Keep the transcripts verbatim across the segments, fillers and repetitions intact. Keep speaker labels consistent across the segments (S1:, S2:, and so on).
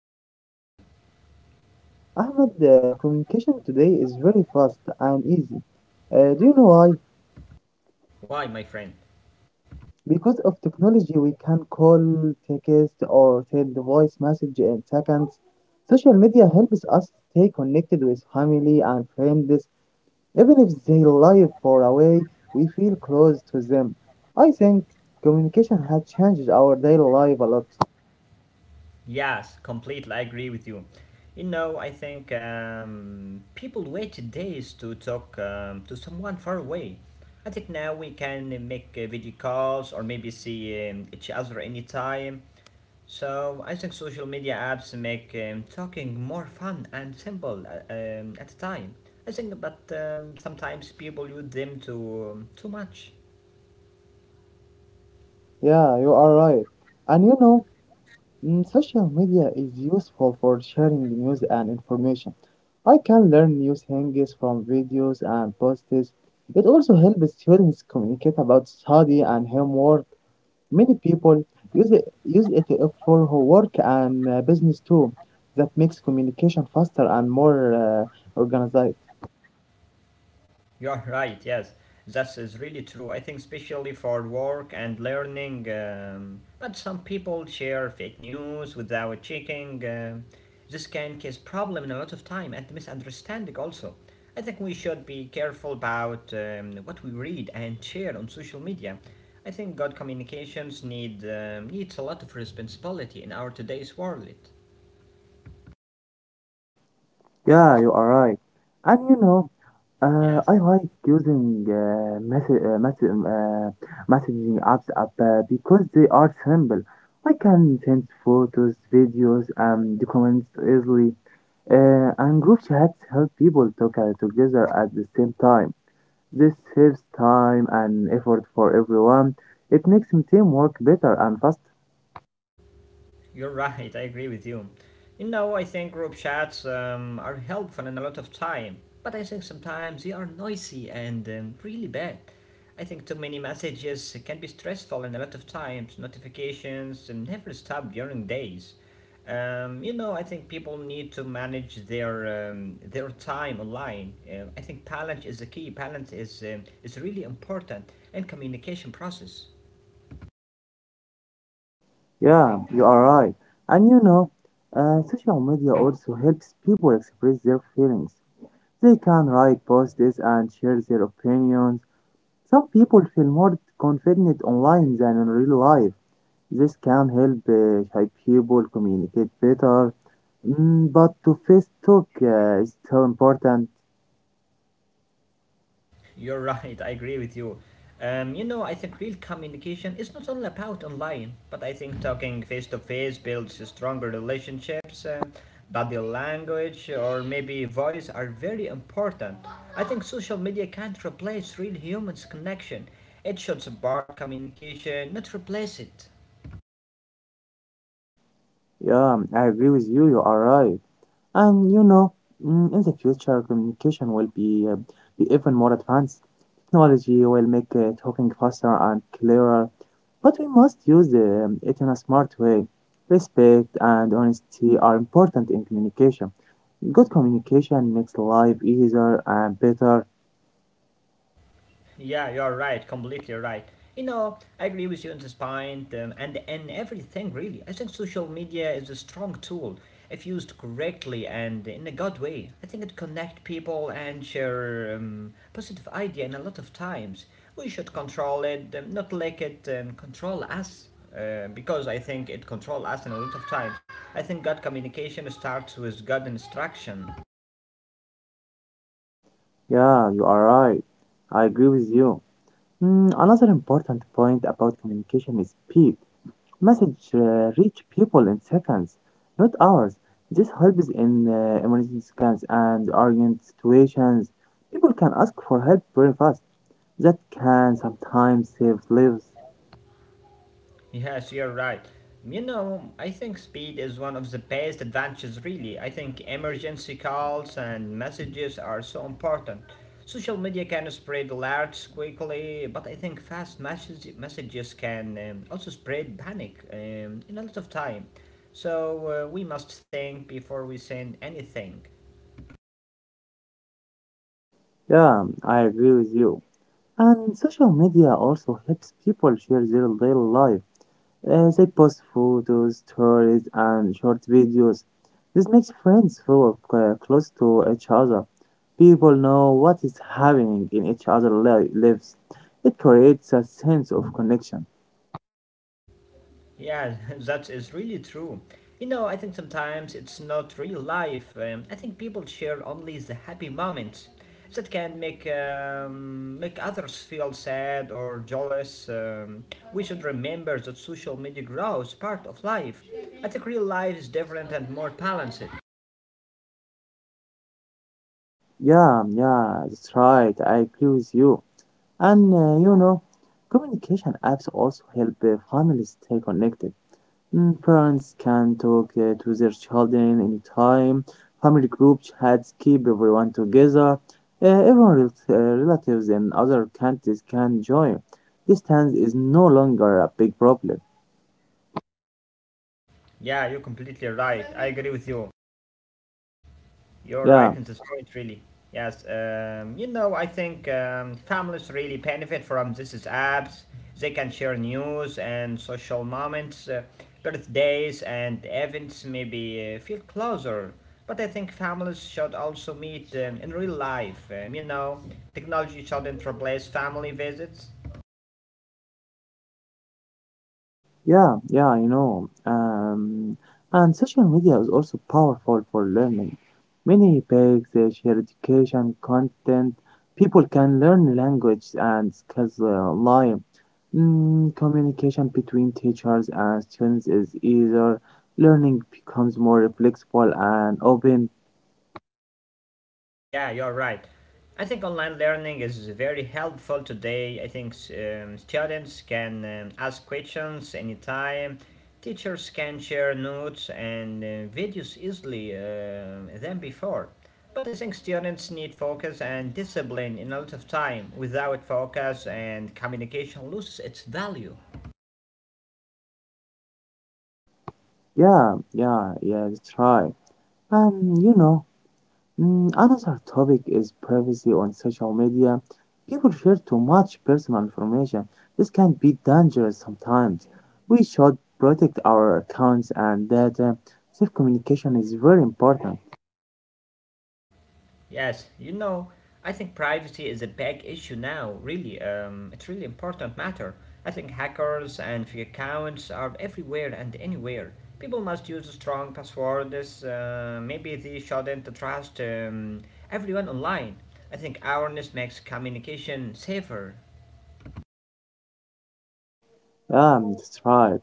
S1: thank you for your question.
S2: Ahmed, uh, communication today is very fast and easy. Uh, do you know why?
S1: Why, my friend?
S2: Because of technology, we can call, text, or send the voice message in seconds. Social media helps us stay connected with family and friends. Even if they live far away, we feel close to them. I think communication has changed our daily life a lot.
S1: Yes, completely, I agree with you. You know, I think um, people waited days to talk um, to someone far away. I think now we can make uh, video calls or maybe see um, each other anytime. So I think social media apps make um, talking more fun and simple uh, um, at a time. I think, but um, sometimes people use them too um, too much.
S2: Yeah, you are right. And you know, Mm, social media is useful for sharing news and information. I can learn new things from videos and posts. It also helps students communicate about study and homework. Many people use it, use it for work and uh, business too. That makes communication faster and more uh, organized.
S1: You're right, yes. That is really true. I think, especially for work and learning, um, but some people share fake news without checking. um this can cause problem in a lot of time and misunderstanding also. I think we should be careful about um, what we read and share on social media. I think good communications need um, needs a lot of responsibility in our today's world.
S2: Yeah, you are right. And you know, Uh,
S1: Yes.
S2: I like using uh, message, uh, messa- um, uh, messaging apps app, uh, because they are simple. I can send photos, videos, and documents easily. Uh, and group chats help people talk uh, together at the same time. This saves time and effort for everyone. It makes teamwork better and faster.
S1: You're right, I agree with you. You know, I think group chats um, are helpful in a lot of time, but I think sometimes they are noisy and um, really bad. I think too many messages can be stressful in a lot of times. Notifications um, never stop during days. Um, you know, I think people need to manage their um, their time online. Uh, I think balance is the key. Balance is um, is really important in communication process.
S2: Yeah, you are right. And you know, uh, social media also helps people express their feelings. They can write posts and share their opinions. Some people feel more confident online than in real life. This can help uh, shy people communicate better. Mm, but to face talk uh, is still important.
S1: You're right. I agree with you. Um, you know, I think real communication is not only about online, but I think talking face to face builds stronger relationships. um body language or maybe voice are very important. I think social media can't replace real humans' connection. It should support communication, not replace it.
S2: Yeah, I agree with you. You are right. And you know, mm, in the future, communication will be, uh, be even more advanced. Technology will make uh, talking faster and clearer. But we must use um, it in a smart way. Respect and honesty are important in communication. Good communication makes life easier and better.
S1: Yeah, you're right, completely right. You know, I agree with you on this point um, and and everything really. I think social media is a strong tool if used correctly and in a good way. I think it connect people and share um, positive idea and a lot of times. We should control it, um, not let it um, control us. Uh, because I think it control us in a lot of times. I think good communication starts with good instruction.
S2: Yeah, you are right. I agree with you. Mm, another important point about communication is speed. Message uh, reach people in seconds, not hours. This helps in uh, emergency scans and urgent situations. People can ask for help very fast. That can sometimes save lives.
S1: Yes, you're right. You know, I think speed is one of the best advantages, really. I think emergency calls and messages are so important. Social media can spread alerts quickly, but I think fast message- messages can um, also spread panic um, in a lot of time. So uh, we must think before we send anything.
S2: Yeah, I agree with you. And social media also helps people share their daily life. Uh, they post photos, stories, and short videos. This makes friends feel uh, close to each other. People know what is happening in each other's li- lives. It creates a sense of connection.
S1: Yeah, that is really true. You know, I think sometimes it's not real life. Um, I think people share only the happy moments that can make um, make others feel sad or jealous. Um, we should remember that social media grows part of life. I think real life is different and more balanced.
S2: Yeah, yeah, that's right. I agree with you. And uh, you know, communication apps also help uh, families stay connected. Mm, parents can talk uh, to their children anytime. Family groups had keep everyone together. Uh, everyone, rel- uh, relatives and other countries can join. Distance is no longer a big problem.
S1: Yeah, you're completely right. I agree with you. You're
S2: Yeah.
S1: right in this point, really. Yes, um, you know, I think um, families really benefit from these apps. They can share news and social moments, uh, birthdays and events, maybe uh, feel closer. But I think families should also meet um, in real life. Um, you know, technology shouldn't replace family visits.
S2: Yeah, yeah, I know. Um, and social media is also powerful for learning. Many pages share education content. People can learn language and skills uh, online. Mm, communication between teachers and students is easier. Learning becomes more flexible and open.
S1: Yeah, you're right. I think online learning is very helpful today. I think um, students can um, ask questions anytime. Teachers can share notes and uh, videos easily um, than before. But I think students need focus and discipline in a lot of time. Without focus and communication loses its value.
S2: Yeah, yeah, yeah, that's right. Um, you know. Mm, another topic is privacy on social media. People share too much personal information. This can be dangerous sometimes. We should protect our accounts and data. Safe communication is very important.
S1: Yes, you know, I think privacy is a big issue now, really. Um, it's really important matter. I think hackers and fake accounts are everywhere and anywhere. People must use strong passwords. Uh, maybe they shouldn't trust um, everyone online. I think awareness makes communication safer.
S2: Yeah, that's right.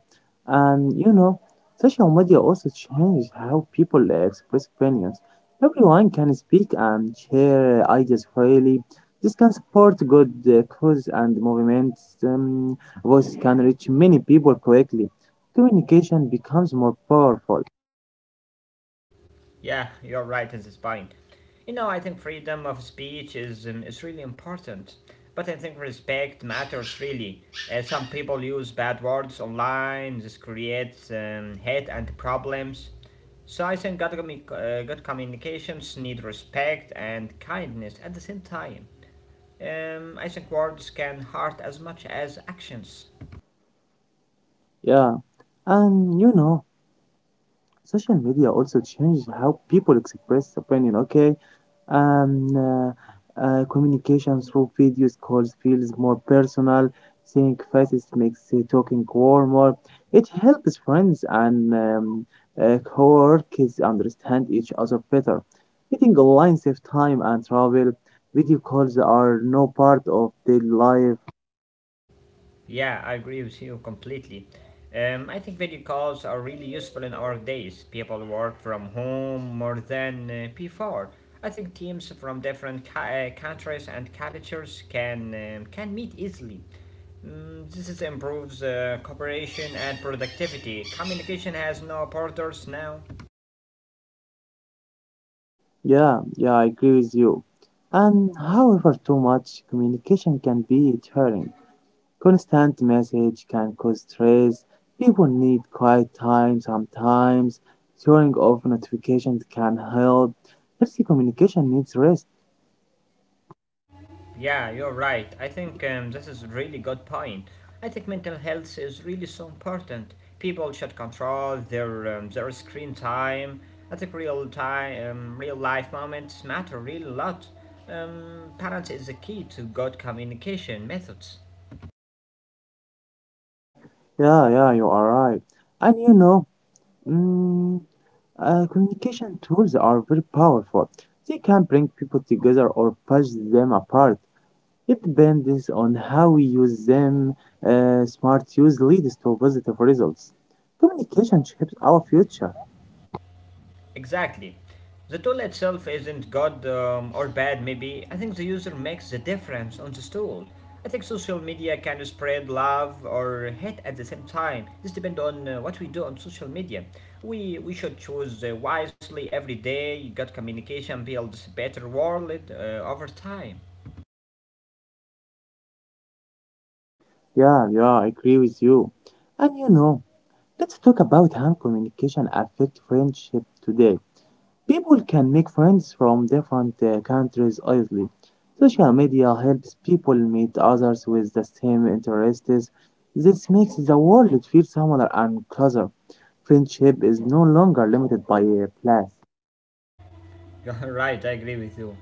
S2: And you know, social media also changed how people express opinions. Everyone can speak and share ideas freely. This can support good uh, cause and movements. Um, voices can reach many people quickly. Communication becomes more powerful.
S1: Yeah, you're right in this point. You know, I think freedom of speech is um, is really important, but I think respect matters really. Uh, some people use bad words online. This creates um, hate and problems. So I think good, commu- uh, good communications need respect and kindness at the same time. Um, I think words can hurt as much as actions.
S2: Yeah, and you know, social media also changed how people express opinion. Okay, Um, uh, uh, communication through videos calls feels more personal. Seeing faces makes uh, talking warmer. It helps friends and um, uh, coworkers understand each other better. Meeting online saves time and travel. Video calls are no part of daily life.
S1: Yeah, I agree with you completely. Um, I think video calls are really useful in our days. People work from home more than uh, before. I think teams from different ca- uh, countries and cultures can um, can meet easily. Mm, this is improves uh, cooperation and productivity. Communication has no borders now.
S2: Yeah, yeah, I agree with you. And however, too much communication can be tiring. Constant message can cause stress. People need quiet time sometimes. Turning off notifications can help. Healthy communication needs rest.
S1: Yeah, you're right. I think um, this is a really good point. I think mental health is really so important. People should control their um, their screen time. I think real time, um, real life moments matter really a lot. Um, parents is the key to good communication methods.
S2: Yeah, yeah, you are right. And you know, mm,
S1: Yes.
S2: uh, communication tools are very powerful. They can bring people together or push them apart. It depends on how we use them. Uh, smart use leads to positive results. Communication shapes our future.
S1: Exactly. The tool itself isn't good um, or bad, maybe. I think the user makes the difference on this tool. I think social media can spread love or hate at the same time. This depends on uh, what we do on social media. We, we should choose uh, wisely every day. Good communication builds a better world uh, over time.
S2: Yeah, yeah, I agree with you. And you know, let's talk about how communication affect friendship today. People can make friends from different uh, countries easily. Social media helps people meet others with the same interests. This makes the world feel smaller and closer. Friendship is no longer limited by a place.
S1: You're right, I agree with you.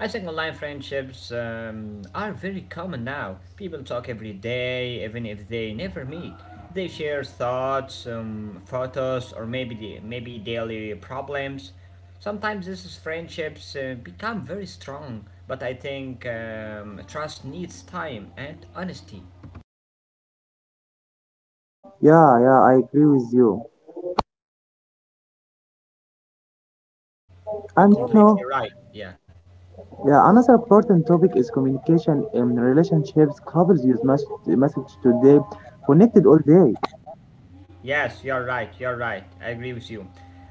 S1: I think online friendships um, are very common now. People talk every day, even if they never meet. They share thoughts, um, photos, or maybe maybe daily problems. Sometimes these friendships uh, become very strong, but I think um, trust needs time and honesty.
S2: Yeah, yeah, I agree with you. And
S1: You're
S2: you know,
S1: completely right. Yeah.
S2: yeah, another important topic is communication in relationships. Couples use mess- message today, connected all day.
S1: Yes, you're right. You're right. I agree with you.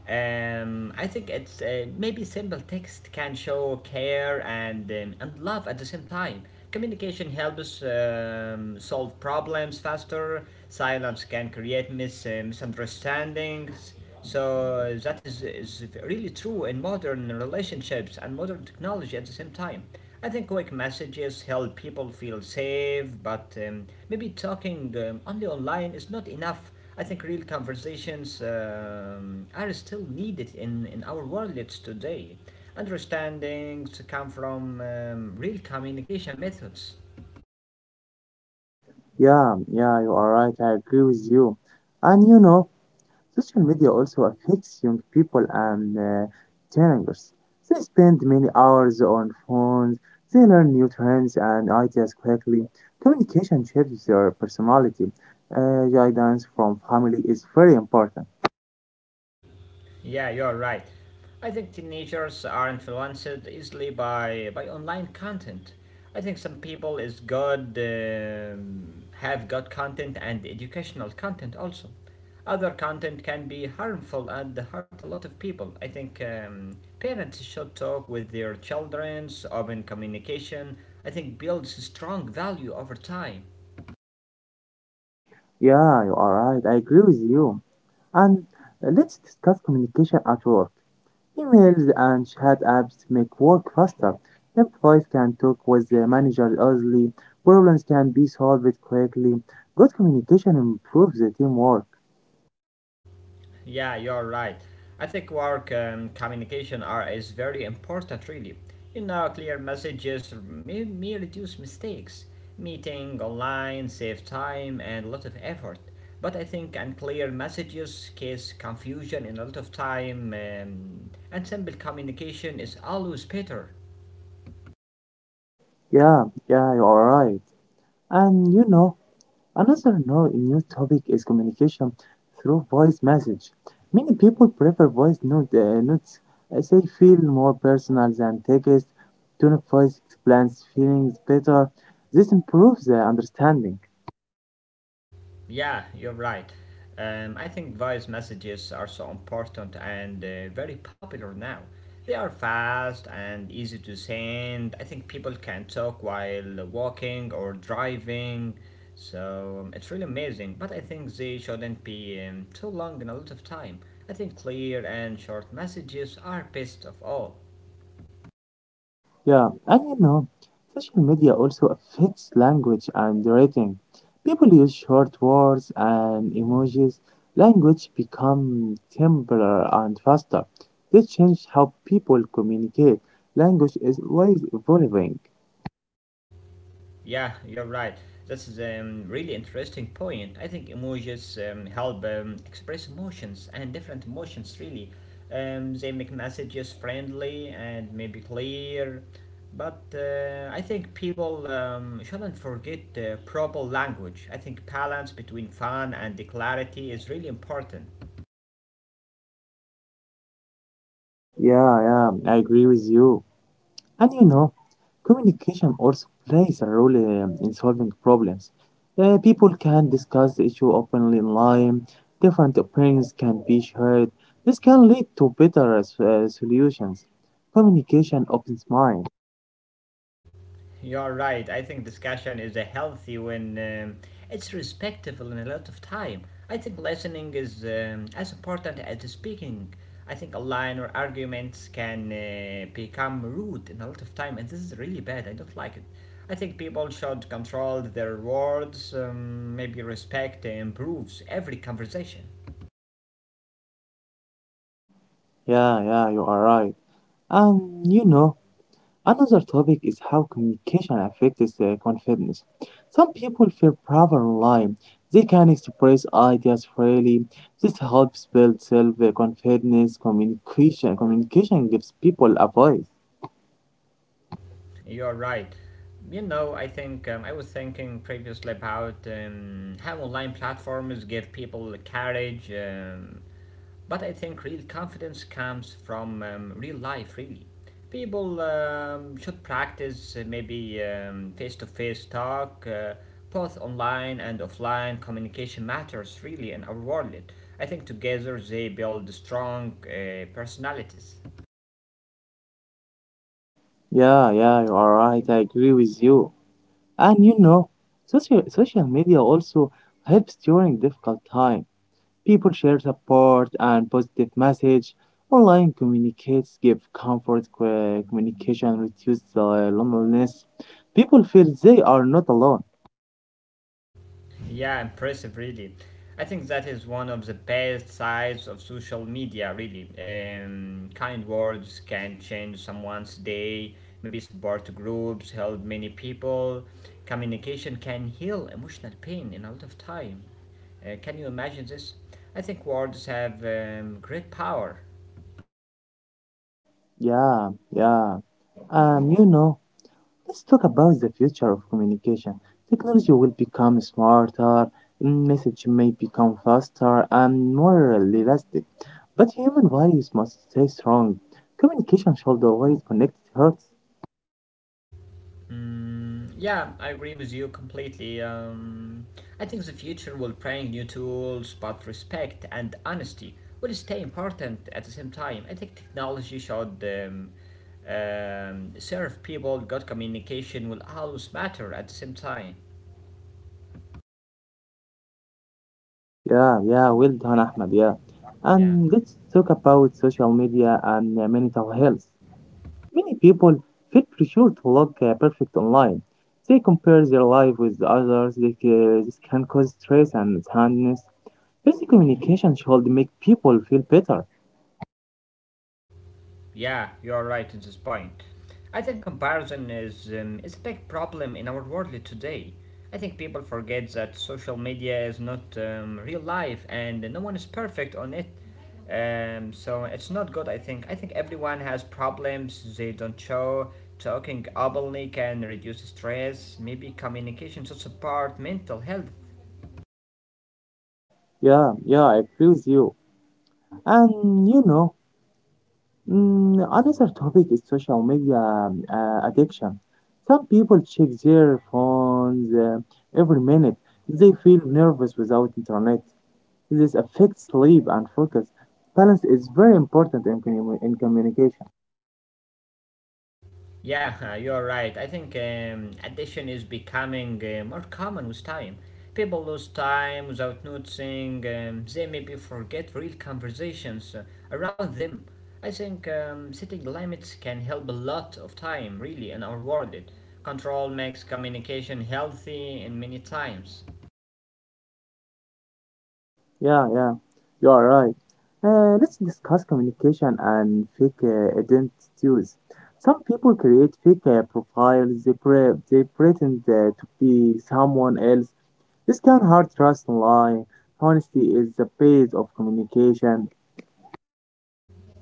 S1: Um, I think it's uh, maybe simple text can show care and um, and love at the same time. Communication helps um, solve problems faster. Silence can create mis- uh, misunderstandings. So that is, is really true in modern relationships and modern technology at the same time. I think quick messages help people feel safe, but um, maybe talking um, only online is not enough. I think real conversations um, are still needed in, in our world today. Understandings come from um, real communication methods.
S2: Yeah, yeah, you are right. I agree with you. And you know, social media also affects young people and uh, teenagers. They spend many hours on phones. They learn new trends and ideas quickly. Communication shapes their personality. Uh, guidance from family is very important.
S1: Yeah, you're right. I think teenagers are influenced easily by by online content. I think some people is good um, have good content and educational content also. Other content can be harmful and hurt a lot of people. I think um, parents should talk with their childrens. Open communication, I think, builds strong value over time.
S2: Yeah, you are right. I agree with you. And let's discuss communication at work. Emails and chat apps make work faster. Employees can talk with their manager easily. Problems can be solved quickly. Good communication improves the teamwork.
S1: Yeah, you're right. I think work and communication are is very important, really. You know, clear messages may, may reduce mistakes, meeting online, save time, and a lot of effort. But I think unclear messages cause confusion and a lot of time, um, and simple communication is always better.
S2: Yeah, yeah, you are right. And you know, another no new topic is communication through voice message. Many people prefer voice note, uh, notes as they feel more personal than text. Tone of voice explains feelings better. This improves the understanding.
S1: Yeah, you're right. Um, I think voice messages are so important and uh, very popular now. They are fast and easy to send. I think people can talk while walking or driving, so um, it's really amazing. But I think they shouldn't be um, too long and a lot of time. I think clear and short messages are best of all.
S2: Yeah, and you know, social media also affects language and writing. People use short words and emojis. Language become simpler and faster. This change how people communicate. Language is always evolving.
S1: Yeah, you're right. This is a um, really interesting point. I think emojis um, help um, express emotions and different emotions, really. Um, they make messages friendly and maybe clear. But uh, I think people um, shouldn't forget uh, proper language. I think balance between fun and clarity is really important.
S2: Yeah, yeah, I agree with you. And you know, communication also plays a role um, in solving problems. Uh, people can discuss the issue openly online, different opinions can be shared. This can lead to better uh, solutions. Communication opens mind.
S1: You're right. I think discussion is a healthy when um, it's respectful in a lot of time. I think listening is um, as important as the speaking. I think a line or arguments can uh, become rude in a lot of time, and this is really bad. I don't like it. I think people should control their words. Um, maybe respect improves every conversation.
S2: Yeah, yeah, you are right. And you know, another topic is how communication affects uh, confidence. Some people feel braver online. They can express ideas freely. This helps build self-confidence. Communication communication gives people a voice.
S1: You're right. You know, I think um, I was thinking previously about um, how online platforms give people courage, um, but I think real confidence comes from um, real life, really. People um, should practice uh, maybe um, face-to-face talk, uh, both online and offline. Communication matters really in our world. I think together they build strong uh, personalities.
S2: Yeah, yeah, you are right. I agree with you. And you know, social social media also helps during difficult times. People share support and positive message. Online communicates give comfort. co- Communication reduces the loneliness. People feel they are not alone.
S1: Yeah, impressive, really. I think that is one of the best sides of social media, really. Um, kind words can change someone's day, maybe support groups, help many people. Communication can heal emotional pain in a lot of time. Uh, can you imagine this? I think words have um, great power.
S2: Yeah, yeah. Um, you know, let's talk about the future of communication. Technology will become smarter. Message may become faster and more realistic, but human values must stay strong. Communication should always connect hearts.
S1: Mm, yeah, I agree with you completely. Um, I think the future will bring new tools, but respect and honesty will stay important at the same time. I think technology should um, um, serve people, good communication will always matter at the same time.
S2: Yeah, yeah, well done, Ahmed. Yeah.
S1: Yeah.
S2: And let's talk about social media and uh, mental health. Many people feel pressure to look uh, perfect online. They compare their life with others. They, ca- this can cause stress and sadness. Healthy communication should make people feel better.
S1: Yeah, you're right in this point. I think comparison is um, is a big problem in our world today. I think people forget that social media is not um, real life and no one is perfect on it. Um, so it's not good. I think I think everyone has problems they don't show. Talking openly can reduce stress. Maybe communication should support mental health.
S2: Yeah, yeah, I agree with you. And you know, Mm, another topic is social media um, uh, addiction. Some people check their phones uh, every minute. They feel nervous without internet. This affects sleep and focus. Balance is very important in, commu- in communication.
S1: Yeah, you're right. I think um, addiction is becoming uh, more common with time. People lose time without noticing. Um, they maybe forget real conversations uh, around them. I think um, setting limits can help a lot of time, really, in our world. Control makes communication healthy in many times.
S2: Yeah, yeah, you are right. Uh, let's discuss communication and fake uh, identities. Some people create fake uh, profiles. They, pre- they pretend uh, to be someone else. This can hard trust in line. Honesty is the base of communication.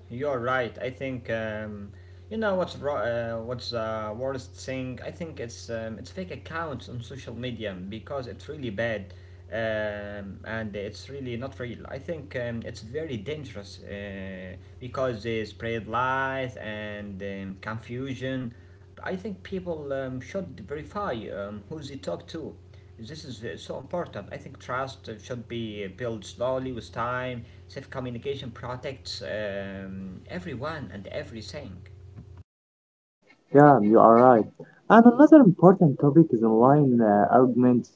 S1: You're right. I think um, you know what's ro- uh, what's uh, worst thing. I think it's um, it's fake accounts on social media because it's really bad, um, and it's really not real. I think um, it's very dangerous uh, because they spread lies and um, confusion. I think people um, should verify um, who they talk to. This is uh, so important. I think trust uh, should be built slowly with time. Safe communication protects um, everyone and everything.
S2: Yeah, you are right. And another important topic is online uh, arguments.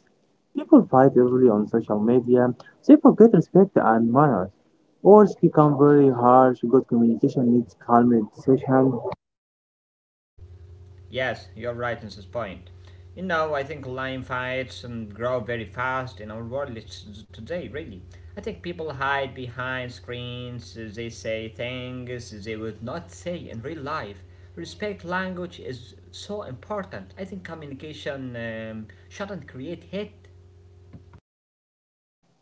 S2: People fight easily on social media. They forget respect and manners, or become very harsh. Good communication needs calm discussion.
S1: Yes, you're right in this point. You know, I think line fights um, grow very fast in our world it's- today, really. I think people hide behind screens, uh, they say things they would not say in real life. Respect language is so important. I think communication um, shouldn't create hate.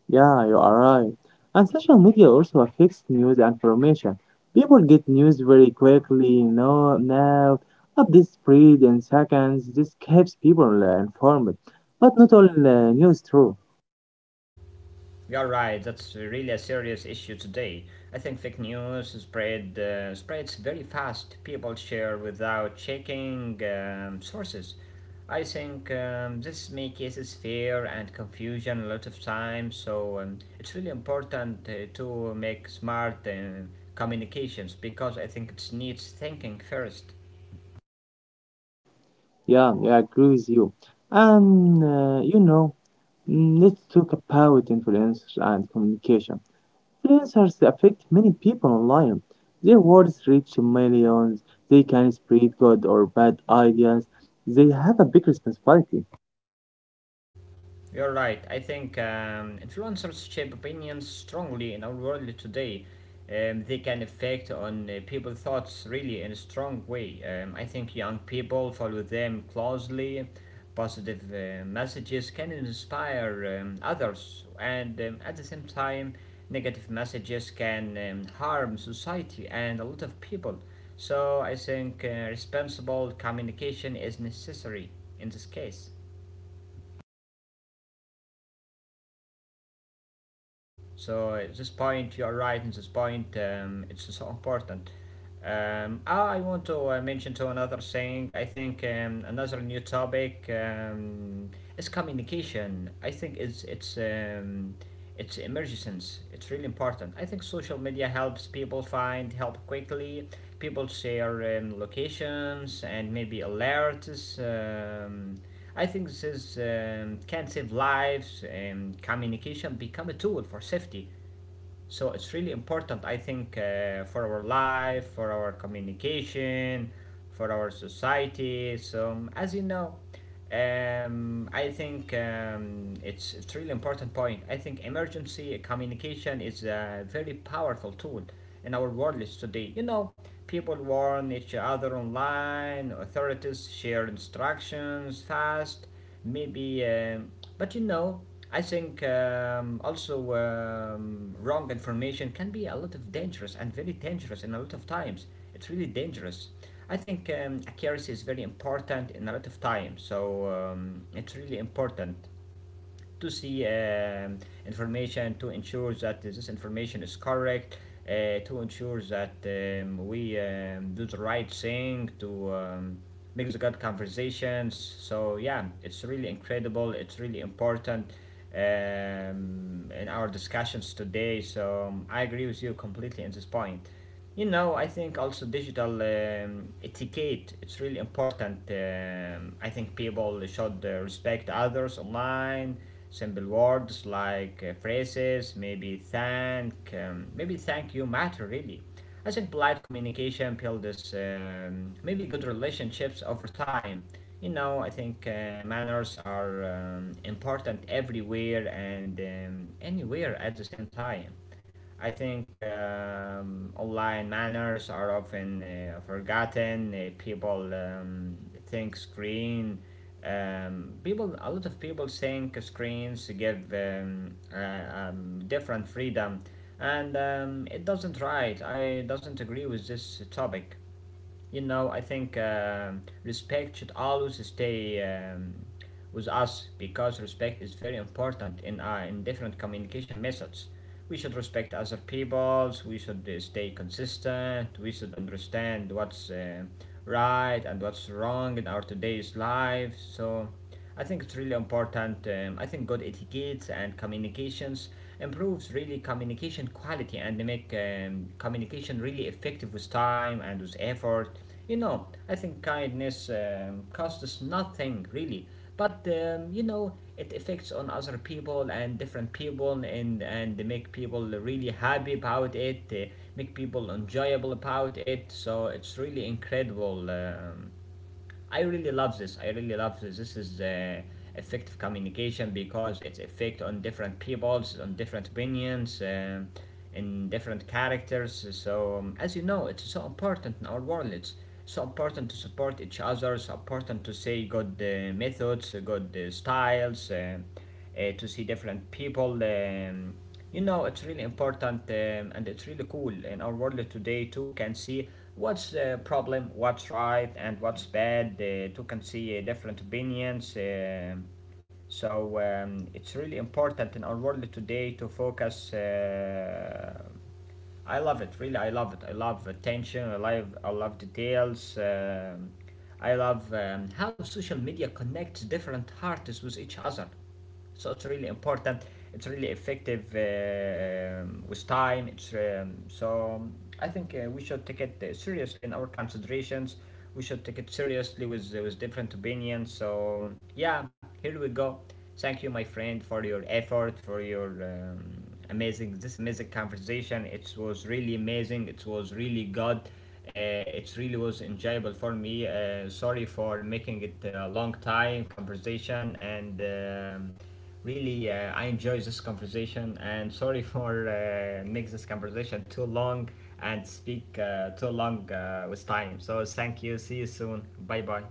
S2: Yeah, you are right. And social media also affects news and information. People get news very quickly, you know, now, updates spread in seconds. This keeps people uh, informed. But not all uh, news true.
S1: You're right, that's really a serious issue today. I think fake news spread, uh, spreads very fast. People share without checking um, sources. I think um, this makes cases fear and confusion a lot of times, so um, it's really important uh, to make smart uh, communications because I think it needs thinking first.
S2: Yeah, yeah, I agree with you. And, uh, you know, mm, let's talk about influencers and communication. Influencers affect many people online. Their words reach millions. They can spread good or bad ideas. They have a big responsibility.
S1: You're right. I think um, influencers shape opinions strongly in our world today. Um, they can affect on uh, people's thoughts really in a strong way. Um, I think young people follow them closely. Positive uh, messages can inspire um, others, and um, at the same time, negative messages can um,
S2: Yeah,
S1: harm
S2: yeah, you are
S1: society
S2: right.
S1: and a lot of
S2: And another
S1: people.
S2: new topic is
S1: So I think
S2: communication
S1: uh, responsible
S2: in
S1: communication
S2: emergencies.
S1: is necessary
S2: Social media
S1: in this
S2: helps
S1: case.
S2: people find um, help quickly. People share location and alerts.
S1: So uh,
S2: This
S1: this
S2: can
S1: point, you are
S2: save
S1: right in this
S2: lives.
S1: point. Um,
S2: Communication
S1: it's so
S2: becomes a
S1: important.
S2: tool for
S1: Um,
S2: safety.
S1: I want to uh, mention to another thing. I think um, another new topic um, is communication. I think it's it's
S2: نت عندي
S1: um,
S2: خلاص
S1: it's emergence. It's really important. I think social media helps people find help quickly. People share um, locations and maybe alerts. Um, I think this is, um, can save lives and communication become a tool for safety. So it's really important, I think, uh, for our life, for our communication, for our society. So um, as you know, um, I think um, it's it's really important point. I think emergency communication is a very powerful tool in our world today. You know, people warn each other online, authorities share instructions fast, maybe um, but you know, I think um, also um, wrong information can be a lot of dangerous and very dangerous in a lot of times. It's really dangerous. I think um, accuracy is very important in a lot of times, so um, it's really important to see um, information to ensure that this information is correct, uh, to ensure that um, we um, do the right thing to um, make the good conversations. So yeah, it's really incredible, it's really important, um, in our discussions today. So um, I agree with you completely in this point. You know, I think also digital um, etiquette. It's really important. Um, I think people should uh, respect others online. Simple words like uh, phrases, maybe thank, um, maybe thank you matter really. I think polite communication builds um, maybe good relationships over time. You know, I think uh, manners are um, important everywhere and um, anywhere at the same time. I think um, online manners are often uh, forgotten. Uh, people um, think screen. Um, people, a lot of people think screens give um, uh, um, different freedom, and um, it doesn't right. I doesn't agree with this topic. You know, I think um respect should always stay um, with us, because respect is very important in uh, in different communication methods. We should respect other peoples, we should uh, stay consistent, we should understand what's uh, right and what's wrong in our today's life. So I think it's really important. um, I think good etiquette and communications improves really communication quality, and they make um, communication really effective with time and with effort. You know, I think kindness um, costs us nothing really, but um, you know, it affects on other people and different people, and and they make people really happy about it. They make people enjoyable about it. So it's really incredible. Um, I really love this. I really love this. This is uh, effective communication because it's effect on different peoples, on different opinions, um in different characters. So um, as you know, it's so important in our world. It's so important to support each other. So important to say good uh, methods, good uh, styles, uh, uh, to see different people. Um, you know, it's really important um, and it's really cool in our world today too can see what's uh, problem, what's right and what's bad. Uh, too can see uh, different opinions. Um so um, it's really important in our world today to focus. Uh, I love it. Really, I love it. I love attention. I love I love details. Um, I love um, how social media connects different artists with each other. So it's really important. It's really effective uh, um, with time. It's um, so I think uh, we should take it uh, seriously in our considerations. We should take it seriously with uh, with different opinions. So um, yeah, here we go. Thank you, my friend, for your effort, for your. Um, amazing, this amazing conversation, it was really amazing, it was really good. Uh, it really was enjoyable for me. Uh, sorry for making it a long time conversation, and um, really uh, I enjoy this conversation, and sorry for uh, make this conversation too long and speak uh, too long uh, with time. So thank you, see you soon. Bye bye.